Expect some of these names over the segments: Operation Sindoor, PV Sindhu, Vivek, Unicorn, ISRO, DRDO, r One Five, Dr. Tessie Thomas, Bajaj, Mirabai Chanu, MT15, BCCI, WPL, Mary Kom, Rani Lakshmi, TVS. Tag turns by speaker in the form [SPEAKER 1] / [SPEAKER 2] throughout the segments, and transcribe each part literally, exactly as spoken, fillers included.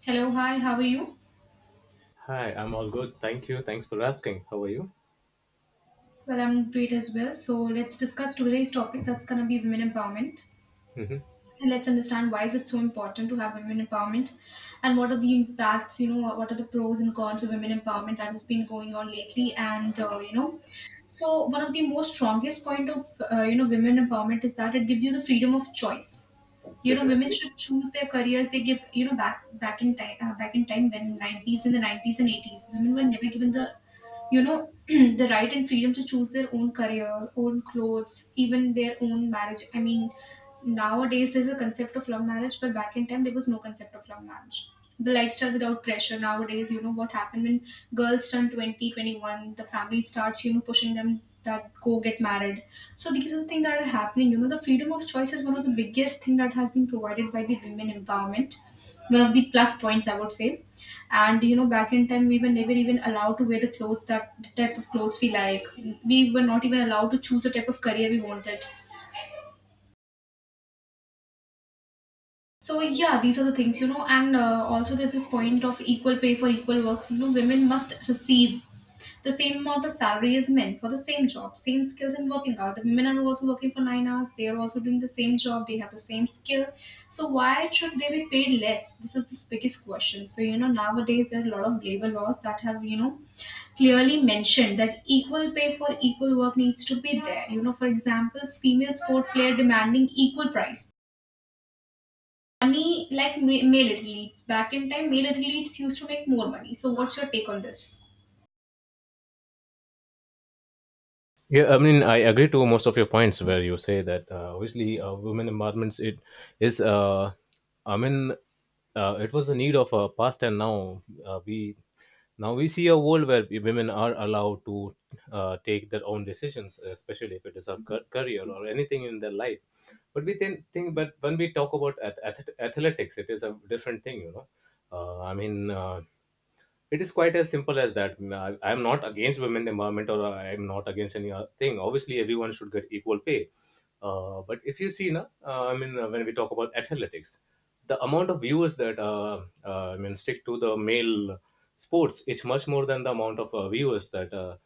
[SPEAKER 1] Hello, hi, how are you?
[SPEAKER 2] Hi, I'm all good. Thank you. Thanks for asking. How are you?
[SPEAKER 1] Well, I'm great as well. So let's discuss today's topic that's gonna be women empowerment.
[SPEAKER 2] hmm
[SPEAKER 1] And let's understand why is it so important to have women empowerment and what are the impacts, you know, what are the pros and cons of women empowerment that has been going on lately and uh, you know. So one of the most strongest point of uh, you know women empowerment is that it gives you the freedom of choice. You know, women
[SPEAKER 2] Definitely.
[SPEAKER 1] should choose their careers. They give you know back back in time uh, back in time when nineties in the nineties and eighties, women were never given the you know the right and freedom to choose their own career, own clothes, even their own marriage. I mean, nowadays there's a concept of love marriage, but back in time there was no concept of love marriage, the lifestyle without pressure. Nowadays, you know what happened? When girls turn twenty, twenty one, the family starts, you know, pushing them that go get married. So these are the things that are happening. You know, the freedom of choice is one of the biggest thing that has been provided by the women empowerment, one of the plus points I would say. And you know, back in time, we were never even allowed to wear the clothes that the type of clothes we like. We were not even allowed to choose the type of career we wanted. So yeah, these are the things, you know, and uh, also there's this point of equal pay for equal work. You know, women must receive the same amount of salary as men for the same job, same skills and working hour. The women are also working for nine hours. They are also doing the same job. They have the same skill. So why should they be paid less? This is the biggest question. So you know, nowadays there are a lot of labor laws that have, you know clearly mentioned that equal pay for equal work needs to be there. You know, for example, female sport player demanding equal price money like ma- male athletes. Back in time male athletes used to make more money. So what's your take on this?
[SPEAKER 2] Yeah, I mean, I agree to most of your points where you say that uh, obviously uh, women empowerment it is. Uh, I mean, uh, it was a need of a past, and now uh, we now we see a world where women are allowed to uh, take their own decisions, especially if it is a ca- career or anything in their life. But we then think, but when we talk about ath- ath- athletics, it is a different thing, you know. Uh, I mean. Uh, it is quite as simple as that. Mm, I am not against women empowerment, or I am not against any other thing. Obviously everyone should get equal pay, uh, but if you see na, uh, i mean uh, when we talk about athletics, the amount of viewers that uh, uh, i mean stick to the male sports, it's much more than the amount of uh, viewers that uh,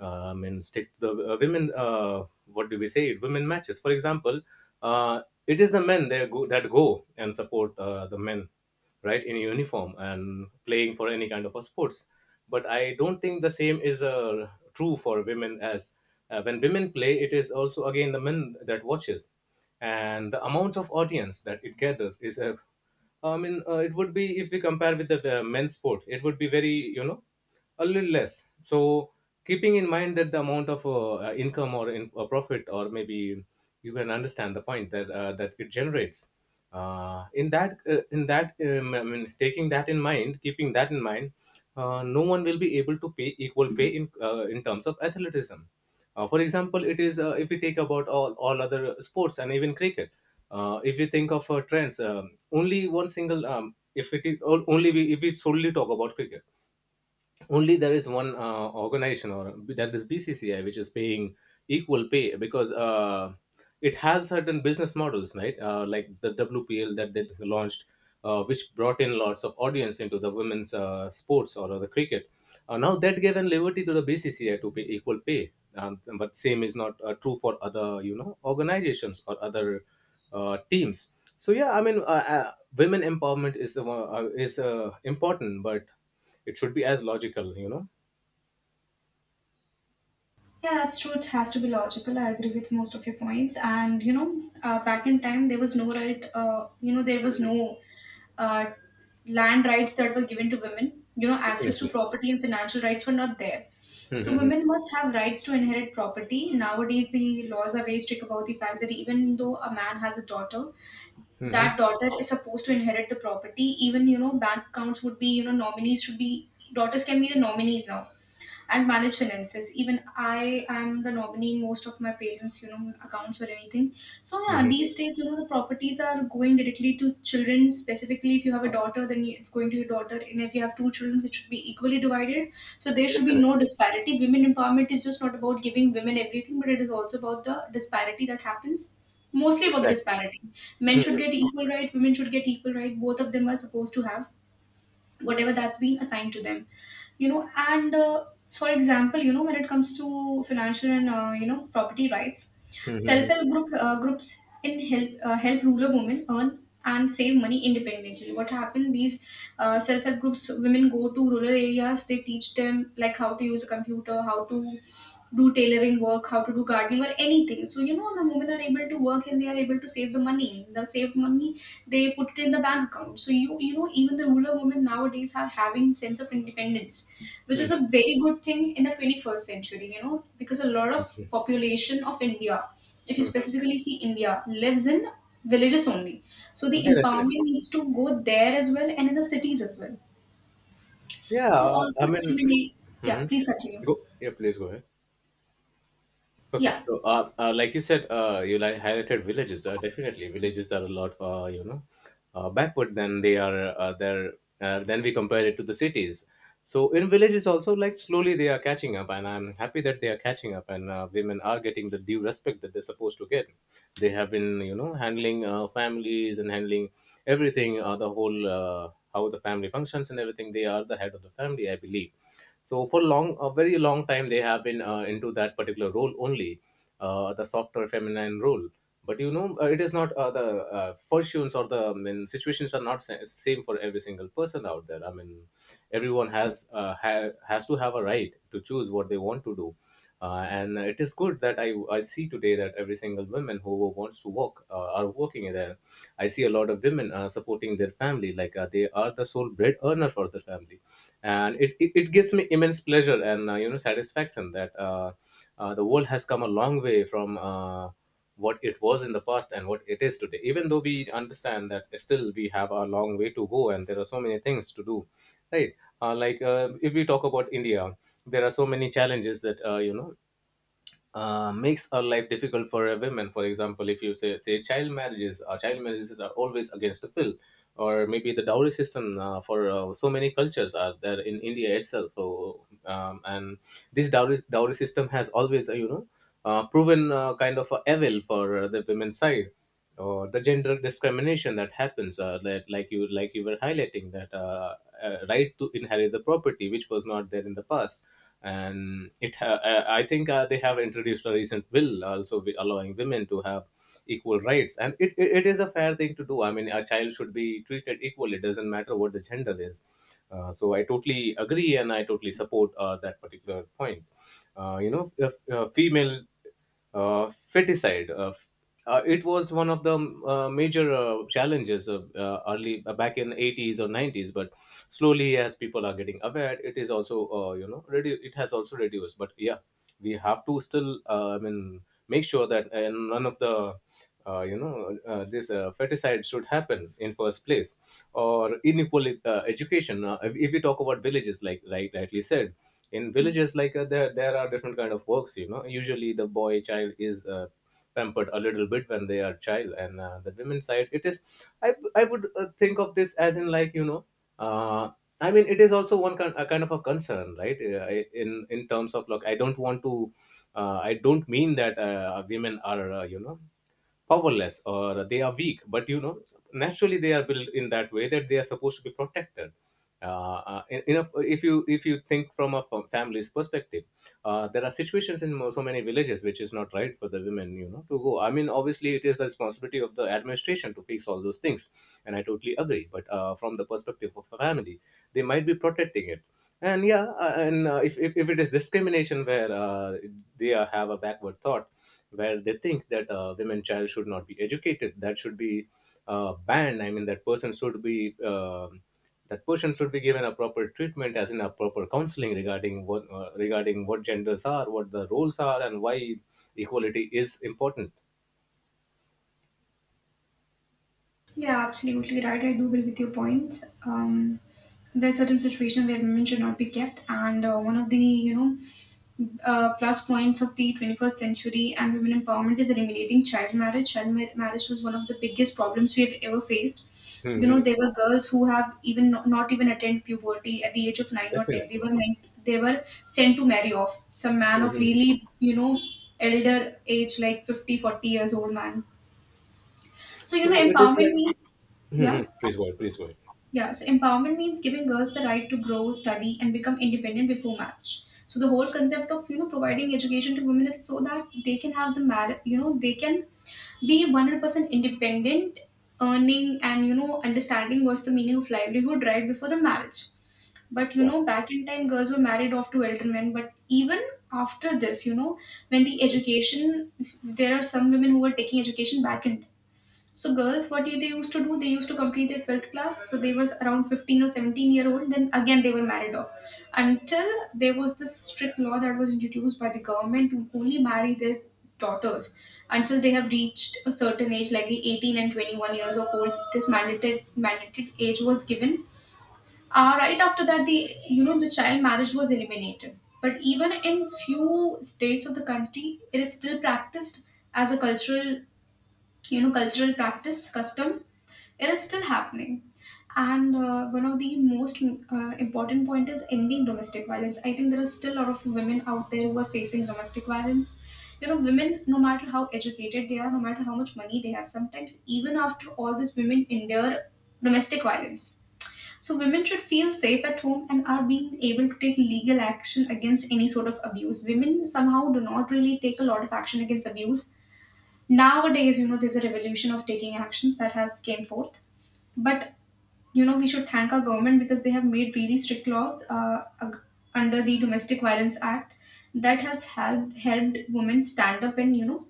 [SPEAKER 2] uh, i mean stick to the uh, women, uh, what do we say, women matches, for example. uh, it is the men that go, that go and support uh, the men right in uniform and playing for any kind of a sports, but I don't think the same is uh, true for women as, uh, when women play, it is also again the men that watches, and the amount of audience that it gathers is, uh, i mean uh, it would be, if we compare with the uh, men's sport, it would be very, you know, a little less. So keeping in mind that the amount of uh, uh, income or in, or profit, or maybe you can understand the point, that uh, that it generates uh, in that uh, in that um, I mean, taking that in mind, keeping that in mind, uh, no one will be able to pay equal pay in uh, in terms of athleticism. Uh, for example, it is, uh, if we take about all, all other sports and even cricket, uh, if you think of uh, trends, um, only one single, um, if it is, or only we, if we solely talk about cricket, only there is one uh, organization, or that is BCCI, which is paying equal pay, because uh, it has certain business models, right? Uh, like the WPL that they launched, uh, which brought in lots of audience into the women's uh, sports or the cricket. Uh, now that given liberty to the BCCI to pay equal pay, um, but same is not uh, true for other, you know, organizations or other uh, teams. So yeah, i mean uh, uh, women empowerment is uh, uh, is uh, important, but it should be as logical, you know?
[SPEAKER 1] Yeah, that's true. It has to be logical. I agree with most of your points. And you know, uh, back in time, there was no right. Uh, you know, there was no uh, land rights that were given to women. You know, access to
[SPEAKER 2] Definitely.
[SPEAKER 1] property and financial rights were not there. So
[SPEAKER 2] Mhm.
[SPEAKER 1] women must have rights to inherit property. Nowadays, the laws are very strict about the fact that even though a man has a daughter,
[SPEAKER 2] Mhm.
[SPEAKER 1] that daughter is supposed to inherit the property. Even, you know, bank accounts would be, you know, nominees should be daughters, can be the nominees now and manage finances. Even I am the nominee in most of my parents, you know, accounts or anything. So yeah,
[SPEAKER 2] Mhm.
[SPEAKER 1] these days, you know, the properties are going directly to children. Specifically, if you have a daughter, then you- it's going to your daughter, and if you have two children, it should be equally divided. So there should be no
[SPEAKER 2] Definitely.
[SPEAKER 1] disparity. Women empowerment is just not about giving women everything, but it is also about the disparity that happens. Mostly about the
[SPEAKER 2] Exactly.
[SPEAKER 1] disparity. Men should
[SPEAKER 2] Mhm.
[SPEAKER 1] get equal right, women should get equal right. Both of them are supposed to have whatever that's been assigned to them. You know, and uh, for example, you know, when it comes to financial and, uh, you know, property rights,
[SPEAKER 2] Mhm.
[SPEAKER 1] self-help group uh, groups in help uh, help rural women earn and save money independently. What happened, these uh, self-help groups, women go to rural areas, they teach them like how to use a computer, how to do tailoring work, how to do gardening or anything. So you know, the women are able to work and they are able to save the money. The saved money, they put it in the bank account. So you you know, even the rural women nowadays are having sense of independence, which is a very good thing in the twenty first century. You know, because a lot of population of India, if you
[SPEAKER 2] Mhm.
[SPEAKER 1] specifically see India, lives in villages only. So the
[SPEAKER 2] Yeah, definitely.
[SPEAKER 1] empowerment needs to go there as well and in the cities as well. So
[SPEAKER 2] Yeah,
[SPEAKER 1] also
[SPEAKER 2] I mean,
[SPEAKER 1] eliminate. Yeah,
[SPEAKER 2] mhm,
[SPEAKER 1] please continue.
[SPEAKER 2] go. Yeah, please go ahead. Okay,
[SPEAKER 1] Yeah.
[SPEAKER 2] so uh, uh, like you said, uh, you like highlighted villages. Uh, definitely, villages are a lot, uh, you know uh, backward than they are uh, there, Uh, then we compare it to the cities. So in villages also, like slowly they are catching up, and I'm happy that they are catching up, and uh, women are getting the due respect that they're supposed to get. They have been, you know, handling uh, families and handling everything, uh, the whole, uh, how the family functions and everything. They are the head of the family, I believe, so for long, a very long time they have been uh, into that particular role only, uh, the softer feminine role. But you know, uh, it is not uh, the uh, fortunes, or the, I mean, situations are not sa- same for every single person out there. I mean, everyone has uh, ha- has to have a right to choose what they want to do, uh, and it is good that I, I see today that every single woman who wants to work uh, are working there. I see a lot of women uh, supporting their family, like uh, they are the sole bread earner for the family, and it, it, it gives me immense pleasure, and uh, you know, satisfaction that uh, uh, the world has come a long way from uh, what it was in the past, and what it is today, even though we understand that still we have a long way to go, and there are so many things to do, right? Uh, like, uh, if we talk about india, there are so many challenges that, uh, you know uh, makes our life difficult for a women. For example, if you say say child marriages, uh, child marriages are always against the will, or maybe the dowry system, uh, for uh, so many cultures are there in India itself. So, um, and this dowry dowry system has always, uh, you know uh, proven uh, kind of a evil for uh, the women's side, or the gender discrimination that happens, uh, that like you like you were highlighting that, uh, uh, right to inherit the property, which was not there in the past. And it ha- uh, I think uh, they have introduced a recent bill also, wi- allowing women to have equal rights, and it, it, it is a fair thing to do. I mean, a child should be treated equally, it doesn't matter what the gender is. Uh, so I totally agree, and I totally support uh, that particular point. Uh, you know, if uh, female uh, feticide, Uh, f- uh, it was one of the um, uh, major uh, challenges of, uh, early, uh, back in eighties or nineties. But slowly, as people are getting aware, it is also, uh, you know redu- it has also reduced. But yeah, we have to still, uh, I mean, make sure that uh, none of the, uh, you know uh, this uh, feticide should happen in first place. Or unequal uh, education, uh, if if we talk about villages, like right rightly said, in villages, like uh, there there are different kind of works, you know, usually the boy child is uh, pampered a little bit when they are child, and uh, the women's side, it is, i, I would uh, think of this as, in like, you know, uh, I mean, it is also one kind, a kind of a concern, right? Uh, I- in in terms of look, I don't want to, uh, I don't mean that uh, women are, uh, you know powerless or they are weak, but you know, naturally they are built in that way that they are supposed to be protected, uh, uh, in- in a- if you if you think from a fa- family's perspective, uh, there are situations in mo- so many villages which is not right for the women, you know, to go. I mean, obviously, it is the responsibility of the administration to fix all those things, and I totally agree. But uh, from the perspective of a family, they might be protecting it, and yeah, uh, and uh, if, if if it is discrimination where uh, they are, have a backward thought, where they think that uh, women child should not be educated, that should be uh, banned. I mean, that person should be um that person should be given a proper treatment, as in a proper counseling regarding what, uh, regarding what genders are, what the roles are, and why equality is important.
[SPEAKER 1] Yeah, absolutely right. I do agree with your points. Um, there are certain situations where women should not be kept, and uh, one of the, you know uh, plus points of the twenty-first century and women empowerment is eliminating child marriage. Child ma- marriage was one of the biggest problems we have ever faced. You know,
[SPEAKER 2] hmm
[SPEAKER 1] there were girls who have even not, not even attained puberty at the age of nine or ten. They
[SPEAKER 2] definitely
[SPEAKER 1] were meant, they were sent to marry off some man of
[SPEAKER 2] hmm.
[SPEAKER 1] really, you know, elder age like fifty, forty years old man. So you know,
[SPEAKER 2] So it is
[SPEAKER 1] empowerment
[SPEAKER 2] like
[SPEAKER 1] means, yeah,
[SPEAKER 2] Mhm, please go ahead, please go ahead.
[SPEAKER 1] yeah, so empowerment means giving girls the right to grow, study, and become independent before marriage. So the whole concept of, you know, providing education to women is so that they can have the mar- you know they can be one hundred percent independent, earning and, you know, understanding what's the meaning of livelihood right before the marriage. But you
[SPEAKER 2] Yeah.
[SPEAKER 1] know, back in time, girls were married off to elder men. But even after this, you know, when the education, there are some women who are taking education back in, so girls, what they used to do, they used to complete their twelfth class. So they were around fifteen or seventeen year old. Then again, they were married off until there was this strict law that was introduced by the government to only marry their daughters until they have reached a certain age, like the eighteen and twenty-one years of old. This mandated mandated age was given. Uh, right after that, the, you know, the child marriage was eliminated. But even in few states of the country, it is still practiced as a cultural, you know cultural practice custom, it is still happening. And uh, one of the most uh, important point is ending domestic violence. I think there are still a lot of women out there who are facing domestic violence. You know, women no matter how educated they are, no matter how much money they have, sometimes even after all this, women endure domestic violence. So women should feel safe at home and are being able to take legal action against any sort of abuse. Women somehow do not really take a lot of action against abuse. Nowadays, you know, there's a revolution of taking actions that has came forth. But you know, we should thank our government because they have made really strict laws uh, ag- under the domestic violence act that has helped helped women stand up and, you know,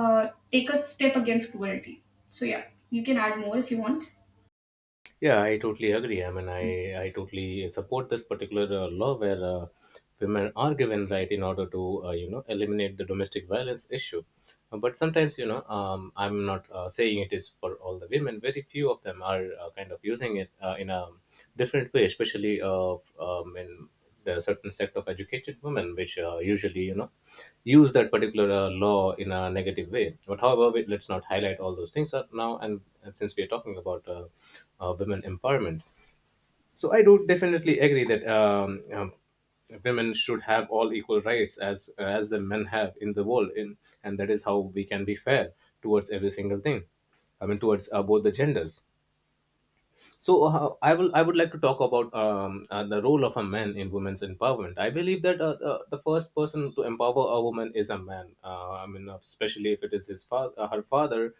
[SPEAKER 1] uh, take a step against cruelty. So yeah, you can add more if you want.
[SPEAKER 2] Yeah, I totally agree. I mean, I, I totally support this particular uh, law where uh, women are given right in order to, uh, you know, eliminate the domestic violence issue. Uh, But sometimes, you know, um, I'm not uh, saying it is for all the women. Very few of them are uh, kind of using it uh, in a different way, especially, uh, f- um, in there are certain sect of educated women which uh, usually, you know, use that particular uh, law in a negative way. But however, we, let's not highlight all those things uh, now, and, and since we are talking about uh, uh, women empowerment, so I do definitely agree that, um, um, women should have all equal rights as as the men have in the world in, and that is how we can be fair towards every single thing. I mean, towards uh, both the genders. So uh, I will I would like to talk about, um, uh, the role of a man in women's empowerment. I believe that uh, uh, the first person to empower a woman is a man. Uh, I mean, especially if it is his father, uh, her father,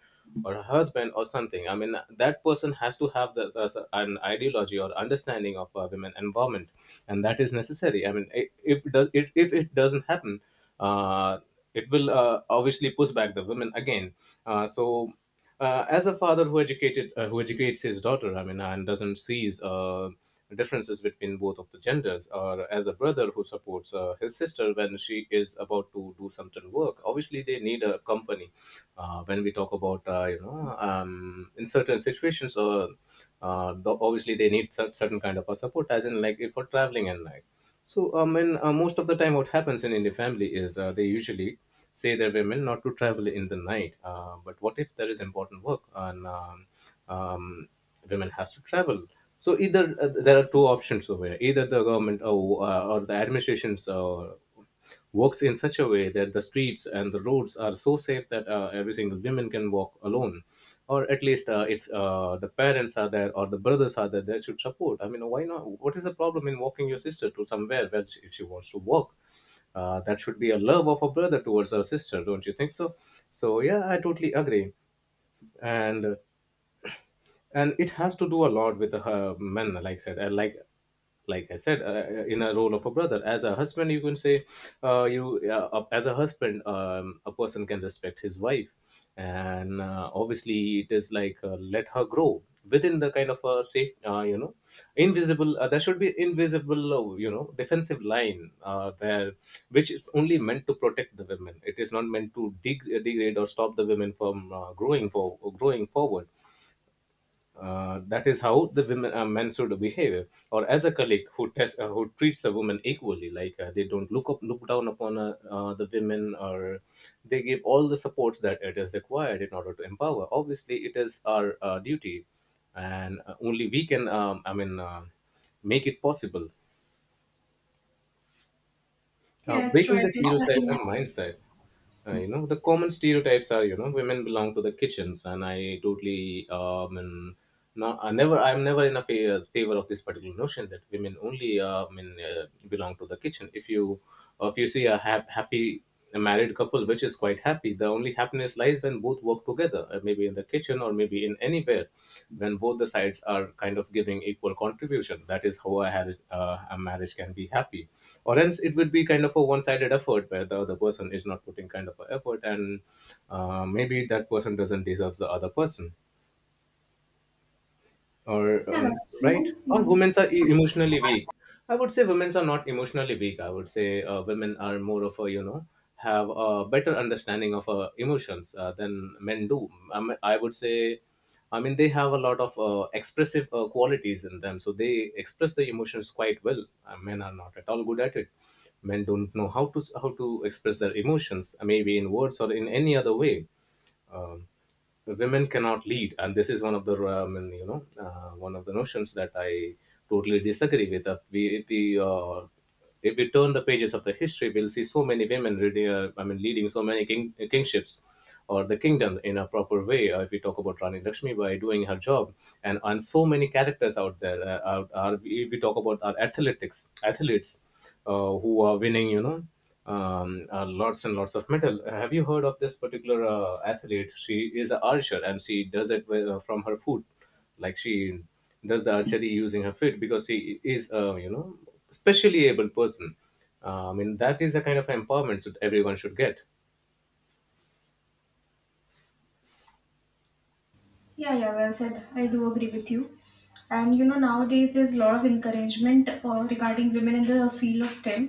[SPEAKER 2] or her husband or something. I mean, that person has to have the, the, an ideology or understanding of uh, women empowerment, and that is necessary. I mean, i- if it does it if it doesn't happen, uh, it will uh, obviously push back the women again. Uh, so uh, as a father who educated uh, who educates his daughter, I mean, and doesn't sees uh, differences between both of the genders, or as a brother who supports uh, his sister when she is about to do some certain work, obviously they need a company uh, when we talk about uh, you know um, in certain situations, uh, uh, though obviously they need cer- certain kind of a support, as in like if for traveling at night. So I mean, uh, most of the time what happens in Indian family is uh, they usually say their women not to travel in the night, uh, but what if there is important work and um, um, women has to travel? So either uh, there are two options over here: either the government, or uh, or the administrations uh, works in such a way that the streets and the roads are so safe that uh, every single woman can walk alone, or at least uh, if uh, the parents are there or the brothers are there, they should support. I mean, why not? What is the problem in walking your sister to somewhere where she, if she wants to walk? Uh, that should be a love of a brother towards her sister, don't you think so? So yeah, I totally agree. And and it has to do a lot with uh, men. Like I said uh, like like I said, uh, uh, in a role of a brother. As a husband, you can say, uh, you uh, uh, as a husband, um, a person can respect his wife, and uh, obviously, it is like, uh, let her grow within the kind of a safe, uh, you know, invisible. Uh, there should be invisible, uh, you know, defensive line uh, there, which is only meant to protect the women. It is not meant to deg- degrade or stop the women from uh, growing for growing forward. Uh, that is how the women uh, men should behave, or as a colleague who test, uh, who treats a woman equally, like uh, they don't look up look down upon uh, uh, the women, or they give all the supports that it is required in order to empower. Obviously it is our uh, duty, and uh, only we can, um, i mean uh, make it possible. Uh,
[SPEAKER 1] Yeah, it's
[SPEAKER 2] breaking
[SPEAKER 1] right,
[SPEAKER 2] the
[SPEAKER 1] it's, uh,
[SPEAKER 2] stereotype
[SPEAKER 1] yeah.
[SPEAKER 2] and mindset. Uh, you know, the common stereotypes are, you know, women belong to the kitchens, and I totally um and no, I never. I'm never in a fa- uh, favor of this particular notion that women only, uh, I mean, uh, belong to the kitchen. If you, uh, if you see a ha- happy, a married couple which is quite happy, the only happiness lies when both work together, uh, maybe in the kitchen or maybe in anywhere, when both the sides are kind of giving equal contribution. That is how a, har- uh, a marriage can be happy, or else it would be kind of a one-sided effort where the other person is not putting kind of a effort, and uh, maybe that person doesn't deserve the other person. Or
[SPEAKER 1] Yeah,
[SPEAKER 2] um,
[SPEAKER 1] that's
[SPEAKER 2] right,
[SPEAKER 1] true,
[SPEAKER 2] or
[SPEAKER 1] yeah.
[SPEAKER 2] women are e- emotionally weak. I would say women are not emotionally weak. I would say uh, women are more of a, you know, have a better understanding of uh, emotions uh, than men do, I, mean, I would say. I mean, they have a lot of uh, expressive uh, qualities in them, so they express the emotions quite well. Uh, men are not at all good at it. Men don't know how to how to express their emotions, uh, maybe in words or in any other way. Women cannot lead, and this is one of the um, and, you know uh, one of the notions that I totally disagree with. Uh, we If we uh, if we turn the pages of the history, we'll see so many women really, uh, i mean leading so many king, kingships or the kingdom in a proper way. Uh, if we talk about Rani Lakshmi by doing her job, and on so many characters out there, uh, are, are, if we talk about our athletics athletes uh, who are winning, you know, um, uh, lots and lots of metal. Uh, Have you heard of this particular uh, athlete? She is an archer and she does it with, uh, from her foot, like she does the archery using her feet, because she is a, you know, specially able person. Uh, I mean, that is the kind of empowerment that everyone should get.
[SPEAKER 1] Yeah, yeah, well said, I do agree with you. And you know, nowadays there's a lot of encouragement uh, regarding women in the field of STEM.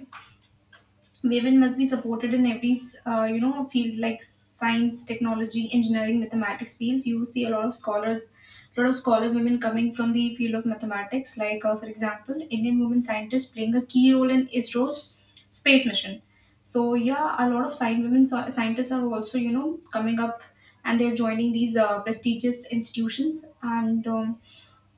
[SPEAKER 1] Women must be supported in every, uh, you know field like science, technology, engineering, mathematics fields. You see a lot of scholars, a lot of scholar women coming from the field of mathematics, like uh, for example, Indian women scientists playing a key role in ISRO's space mission. So yeah, a lot of science women, so, scientists are also, you know, coming up and they're joining these uh, prestigious institutions. And um,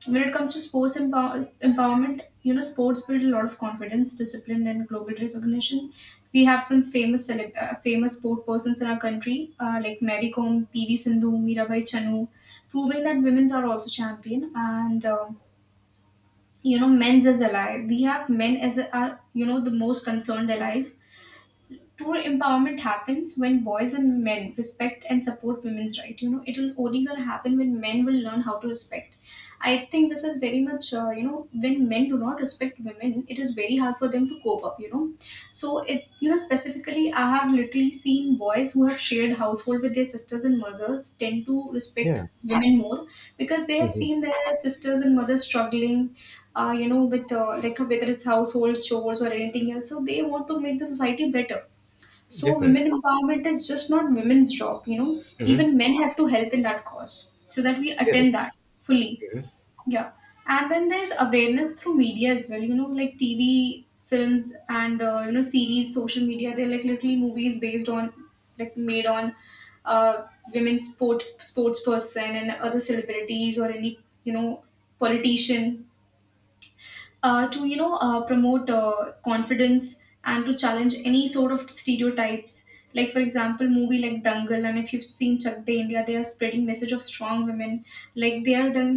[SPEAKER 1] when it comes to sports empower- empowerment, you know, sports build a lot of confidence, discipline, and global recognition. We have some famous celeb- uh, famous sport persons in our country, uh, like Mary Kom, P V Sindhu, Mirabai Chanu, proving that women's are also champion. And um, you know, men's as ally, we have men as our, you know, the most concerned allies. True empowerment happens when boys and men respect and support women's right. You know, it will only gonna happen when men will learn how to respect. I think this is very much, uh, you know when men do not respect women, it is very hard for them to cope up, you know. So it, you know, specifically I have literally seen boys who have shared household with their sisters and mothers tend to respect
[SPEAKER 2] Yeah,
[SPEAKER 1] women more, because they have
[SPEAKER 2] hmm,
[SPEAKER 1] seen their sisters and mothers struggling uh, you know, with, uh, like whether it's household chores or anything else. So they want to make the society better. So
[SPEAKER 2] definitely.
[SPEAKER 1] women empowerment is just not women's job, you know.
[SPEAKER 2] Hmm.
[SPEAKER 1] Even men have to help in that cause so that we
[SPEAKER 2] Yeah.
[SPEAKER 1] attend that fully.
[SPEAKER 2] Mhm.
[SPEAKER 1] Yeah. And then there's awareness through media as well, you know, like T V, films, and uh, you know, series, social media. They're like literally movies based on, like, made on uh, women sport sports person and other celebrities or any you know politician, uh, to you know uh, promote, uh, confidence and to challenge any sort of stereotypes, like for example movie like Dangal, and if you've seen Chak De India, they are spreading message of strong women, like they are done.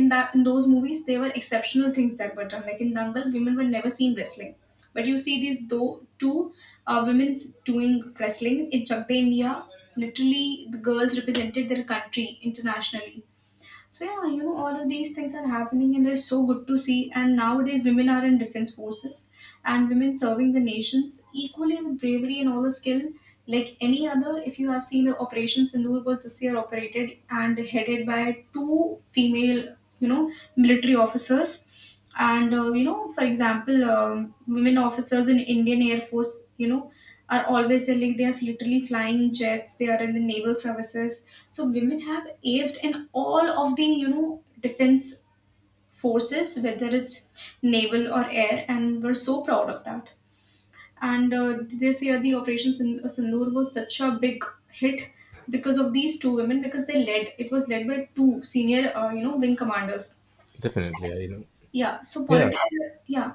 [SPEAKER 1] In that in those movies there were exceptional things that were done, like in Dangal women were never seen wrestling, but you see these though two uh, women's doing wrestling in Chak De India. Literally the girls represented their country internationally. So yeah, you know, all of these things are happening and they're so good to see. And nowadays women are in defense forces, and women serving the nations equally with bravery and all the skill like any other. If you have seen, the Operation Sindoor was this year operated and headed by two female, you know, military officers. And uh, you know, for example, um, women officers in Indian Air Force, you know, are always there, like they have literally flying jets. They are in the naval services. So women have aced in all of the, you know, defense forces, whether it's naval or air, and we're so proud of that. And uh, this year, the Operation Sin- uh, Sindoor was such a big hit because of these two women, because they led. It was led by two senior, uh, you know, wing commanders.
[SPEAKER 2] Definitely. I know.
[SPEAKER 1] Yeah. So
[SPEAKER 2] Yeah.
[SPEAKER 1] politics. Yeah.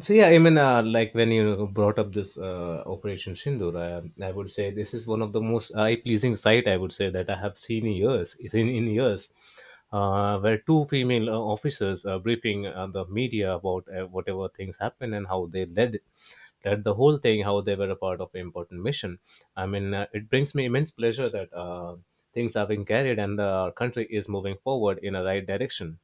[SPEAKER 2] So yeah, I mean, uh, like when you brought up this uh, Operation Sindoor, I, I would say this is one of the most eye-pleasing sight, I would say, that I have seen in years. Is in in years, uh, where two female uh, officers are briefing uh, the media about uh, whatever things happened and how they led led the whole thing, how they were a part of an important mission. I mean, uh, it brings me immense pleasure that uh, things are being carried and the country is moving forward in a right direction.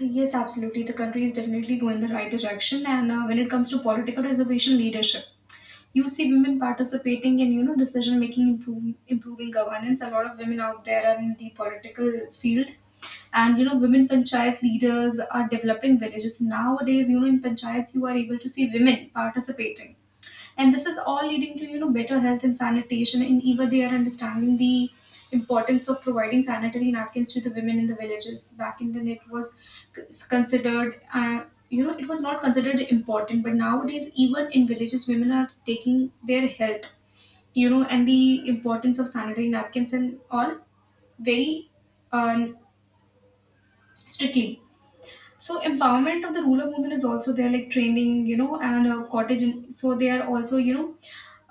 [SPEAKER 1] Yes, absolutely. The country is definitely going the right direction, and uh, when it comes to political reservation leadership, you see women participating in, you know, decision making, improving improving governance. A lot of women out there are in the political field, and you know, women panchayat leaders are developing villages nowadays. You know, in panchayats you are able to see women participating, and this is all leading to, you know, better health and sanitation. And even they are understanding the importance of providing sanitary napkins to the women in the villages. Back in the day, it was c- considered, uh, you know it was not considered important, but nowadays even in villages women are taking their health, you know, and the importance of sanitary napkins and all very um, strictly. So empowerment of the rural women is also there, like training, you know, and uh, cottage. In, so they are also, you know,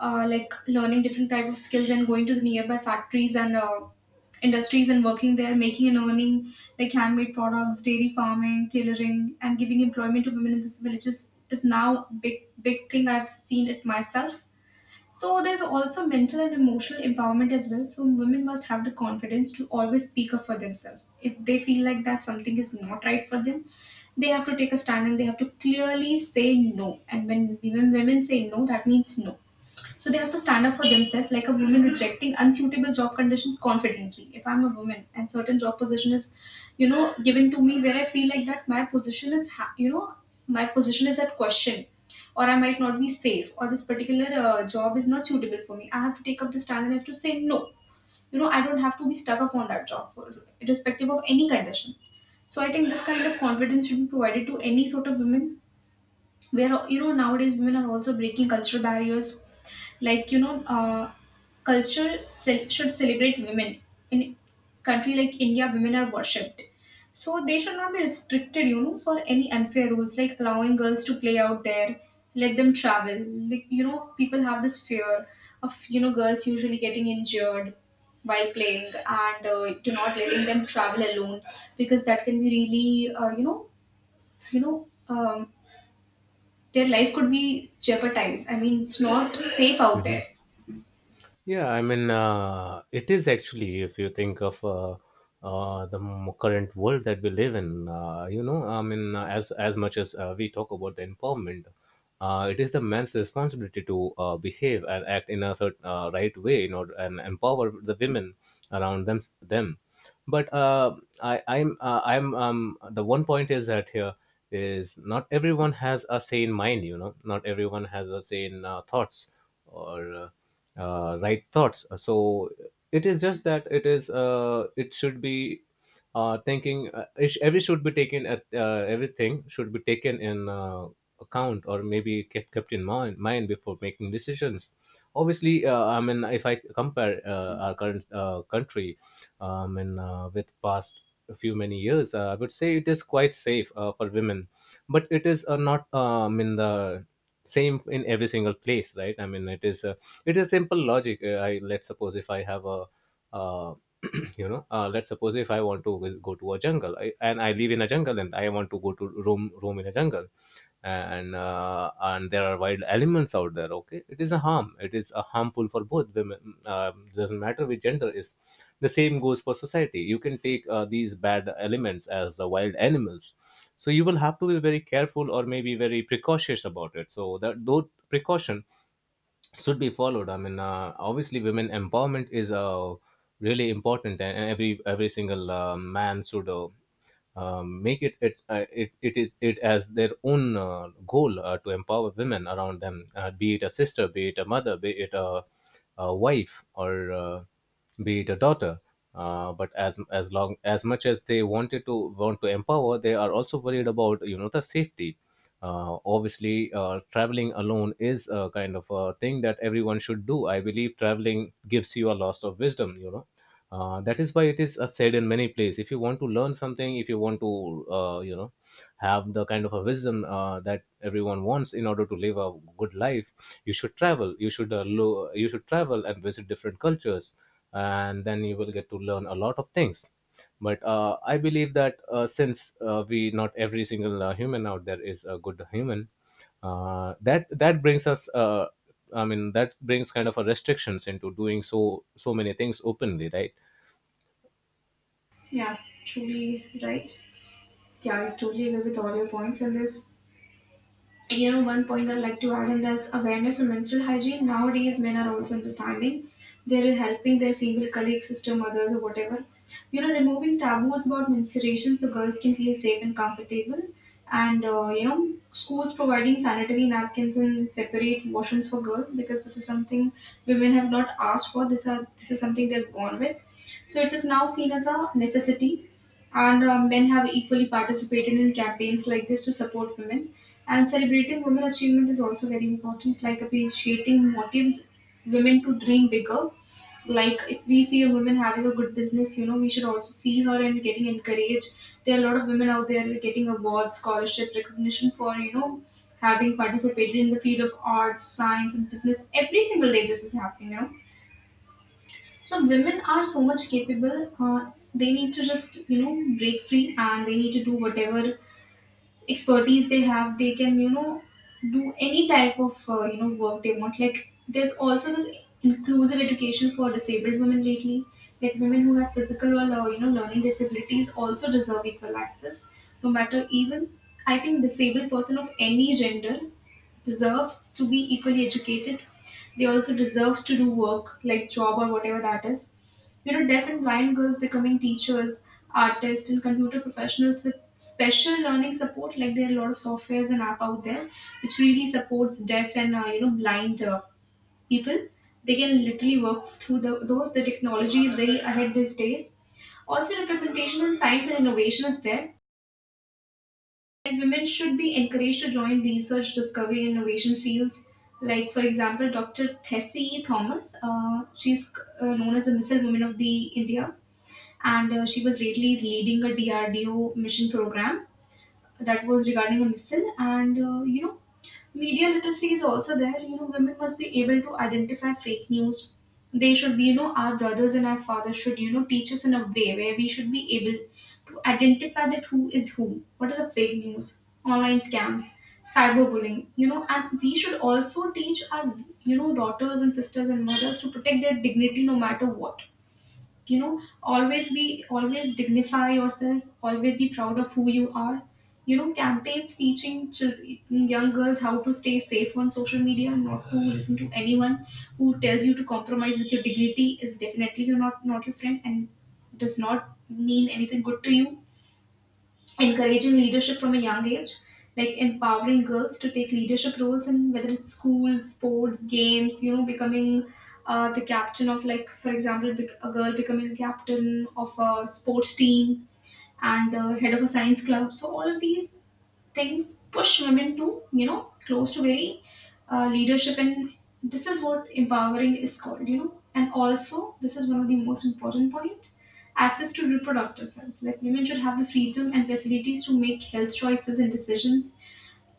[SPEAKER 1] uh, like learning different type of skills and going to the nearby factories and uh, industries and working there, making and earning like handmade products, dairy farming, tailoring, and giving employment to women in these villages is now big big thing. I've seen it myself. So there's also mental and emotional empowerment as well. So women must have the confidence to always speak up for themselves. If they feel like that something is not right for them, they have to take a stand and they have to clearly say no. And when when women say no, that means no. So they have to stand up for themselves, like a woman rejecting unsuitable job conditions confidently. If I'm a woman and certain job position is, you know, given to me where I feel like that my position is, ha- you know, my position is at question, or I might not be safe, or this particular uh, job is not suitable for me. I have to take up the stand and I have to say no. You know, I don't have to be stuck upon that job for, irrespective of any condition. So I think this kind of confidence should be provided to any sort of women, where you know, nowadays women are also breaking cultural barriers. Like, you know uh, culture cel- should celebrate women. In country like India, women are worshipped, so they should not be restricted, you know, for any unfair rules, like allowing girls to play out there, let them travel. Like you know, people have this fear of, you know, girls usually getting injured while playing, and uh, do not letting them travel alone, because that can be really, uh, you know you know um, their life could be jeopardized. I mean, it's not safe out
[SPEAKER 2] Mhm.
[SPEAKER 1] there.
[SPEAKER 2] Yeah, I mean, uh, it is actually, if you think of uh, uh, the m- current world that we live in, uh, you know, I mean, uh, as as much as uh, we talk about the empowerment, uh, it is the man's responsibility to uh, behave and act in a certain uh, right way, you know, and empower the women around them. them. But uh, I, I'm, uh, I'm, um, the one point is that here is not everyone has a sane mind, you know, not everyone has a sane uh, thoughts, or uh, uh, right thoughts. So it is just that it is, uh, it should be uh, thinking uh, ish- every should be taken at uh, everything should be taken in uh, account, or maybe kept kept in mind mind before making decisions. Obviously, uh, I mean, if I compare uh, our current uh, country, um, and uh, with past few many years, uh, I would say it is quite safe uh, for women, but it is uh, not um, in the same in every single place, right? I mean, it is a, it is simple logic. Uh, I Let's suppose if I have a uh, you know, uh, let's suppose if I want to will go to a jungle, I, and I live in a jungle and I want to go to roam roam in a jungle, and uh, and there are wild elements out there. Okay, it is a harm it is a harmful for both, women, um, doesn't matter which gender is. The same goes for society. You can take uh, these bad elements as the wild animals. So you will have to be very careful, or maybe very precautious about it, so that those precaution should be followed. I mean, uh, obviously, women empowerment is uh, really important, and and every every single uh, man should uh, um, make it it, uh, it it is it as their own uh, goal uh, to empower women around them, uh, be it a sister, be it a mother, be it a, a wife, or uh, be it a daughter. Uh, but as as long as much as they wanted to want to empower, they are also worried about, you know, the safety. Uh, obviously uh, traveling alone is a kind of a thing that everyone should do. I believe traveling gives you a lot of wisdom, you know. Uh, that is why it is uh, said in many places, if you want to learn something, if you want to, uh, you know, have the kind of a wisdom uh, that everyone wants in order to live a good life, you should travel. You should, uh, lo- you should travel and visit different cultures, and then you will get to learn a lot of things. But uh, I believe that uh, since uh, we not every single uh, human out there is a good human, uh, that that brings us, uh, i mean that brings kind of a restrictions into doing so so many things openly, right?
[SPEAKER 1] Yeah, truly. Right? Yeah, I totally agree with all your points, and this. You know, one point that I'd like to add in this: awareness on menstrual hygiene. Nowadays, men are also understanding. They're helping their female colleagues, sister mothers, or whatever. You know, removing taboos about menstruation so girls can feel safe and comfortable. And uh, you know, schools providing sanitary napkins and separate washrooms for girls, because this is something women have not asked for. This, are, this is something they're born with. So it is now seen as a necessity, and uh, men have equally participated in campaigns like this to support women. And celebrating women achievement is also very important, like appreciating motives women to dream bigger. Like if we see a woman having a good business, you know, we should also see her and getting encouraged. There are a lot of women out there getting awards, scholarship, recognition for, you know, having participated in the field of arts, science, and business. Every single day this is happening, you know, so women are so much capable. Uh, they need to just, you know, break free, and they need to do whatever expertise they have. They can, you know, do any type of, uh, you know work they want. Like there's also this inclusive education for disabled women lately. Like women who have physical or, uh, you know learning disabilities also deserve equal access. No matter, even I think disabled person of any gender deserves to be equally educated. They also deserves to do work like job or whatever that is. You know, deaf and blind girls becoming teachers, artists, and computer professionals with special learning support. Like there are a lot of softwares and app out there which really supports deaf and, uh, you know blind uh, people. They can literally work through the, those. The technology is very ahead these days. Also, representation in science and innovation is there. Like women should be encouraged to join research, discovery, and innovation fields. Like, for example, doctor Tessie Thomas, uh, she's uh, known as a missile woman of the India, and uh, she was lately leading a D R D O mission program that was regarding a missile. And uh, you know, media literacy is also there. You know, women must be able to identify fake news. They should be, you know, our brothers and our fathers should, you know, teach us in a way where we should be able to identify that who is who, what is a fake news, online scams, cyberbullying, you know. And we should also teach our, you know, daughters and sisters and mothers to protect their dignity no matter what. You know, always be, always dignify yourself, always be proud of who you are. You know, campaigns teaching chil- young girls how to stay safe on social media, and not to listen to anyone who tells you to compromise with your dignity, is definitely, you're not not your friend and does not mean anything good to you. Encouraging leadership from a young age, like empowering girls to take leadership roles in, whether it's school, sports, games, you know, becoming uh, the captain of, like, for example, bec- a girl becoming a captain of a sports team and uh, head of a science club. So, all of these things push women to, you know, close to very uh, leadership. And this is what empowering is called, you know. And also this is one of the most important points: access to reproductive health. Like women should have the freedom and facilities to make health choices and decisions,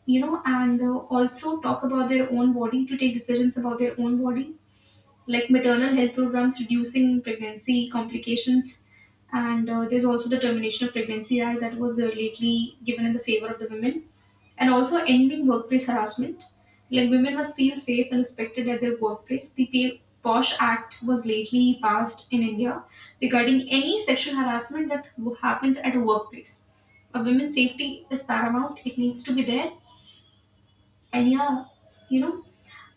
[SPEAKER 1] you know, and uh, also talk about their own body, to take decisions about their own body. Like maternal health programs reducing pregnancy complications, and uh, there's also the termination of pregnancy act that was uh, lately given in the favor of the women. And also ending workplace harassment, like women must feel safe and respected at their workplace. The P- POSH Act was lately passed in India, regarding any sexual harassment that w- happens at a workplace. A women's safety is paramount, it needs to be there. And yeah, you know,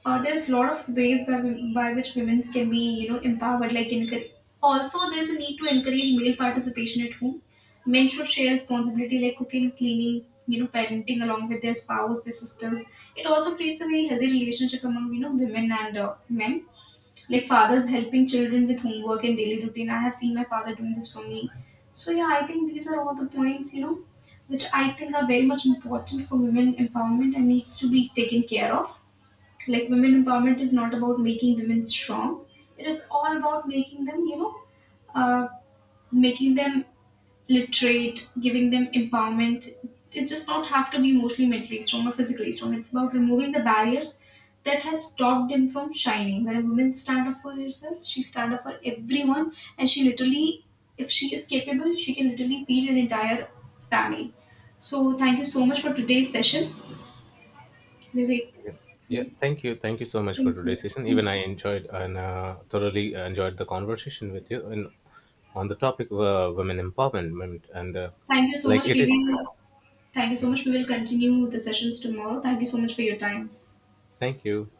[SPEAKER 1] uh, there's a lot of ways by, wom- by which women can be, you know, empowered, like encourage. Also there's a need to encourage male participation at home. Men should share responsibility like cooking, cleaning, you know, parenting along with their spouse, their sisters. It also creates a very healthy relationship among, you know, women and uh, men. Like fathers helping children with homework and daily routine, I have seen my father doing this for me. So yeah, I think these are all the points, you know, which I think are very much important for women empowerment and needs to be taken care of. Like women empowerment is not about making women strong, it is all about making them, you know, uh, making them literate, giving them empowerment. It does not have to be emotionally, mentally strong or physically strong. It's about removing the barriers that has stopped them from shining. When a woman stand up for herself, she stand up for everyone. And she literally, if she is capable, she can literally feed an entire family. So thank you so much for today's session, Vivek.
[SPEAKER 2] Yeah,
[SPEAKER 1] You.
[SPEAKER 2] thank you, thank you so much for
[SPEAKER 1] Thank you.
[SPEAKER 2] today's session.
[SPEAKER 1] Thank
[SPEAKER 2] Even I
[SPEAKER 1] you.
[SPEAKER 2] enjoyed, and uh, thoroughly enjoyed the conversation with you, and on the topic of uh, women empowerment, and uh,
[SPEAKER 1] Thank you so
[SPEAKER 2] like
[SPEAKER 1] much.
[SPEAKER 2] it
[SPEAKER 1] We
[SPEAKER 2] is,
[SPEAKER 1] will, thank you so much. We will continue the sessions tomorrow. Thank you so much for your time.
[SPEAKER 2] thank you.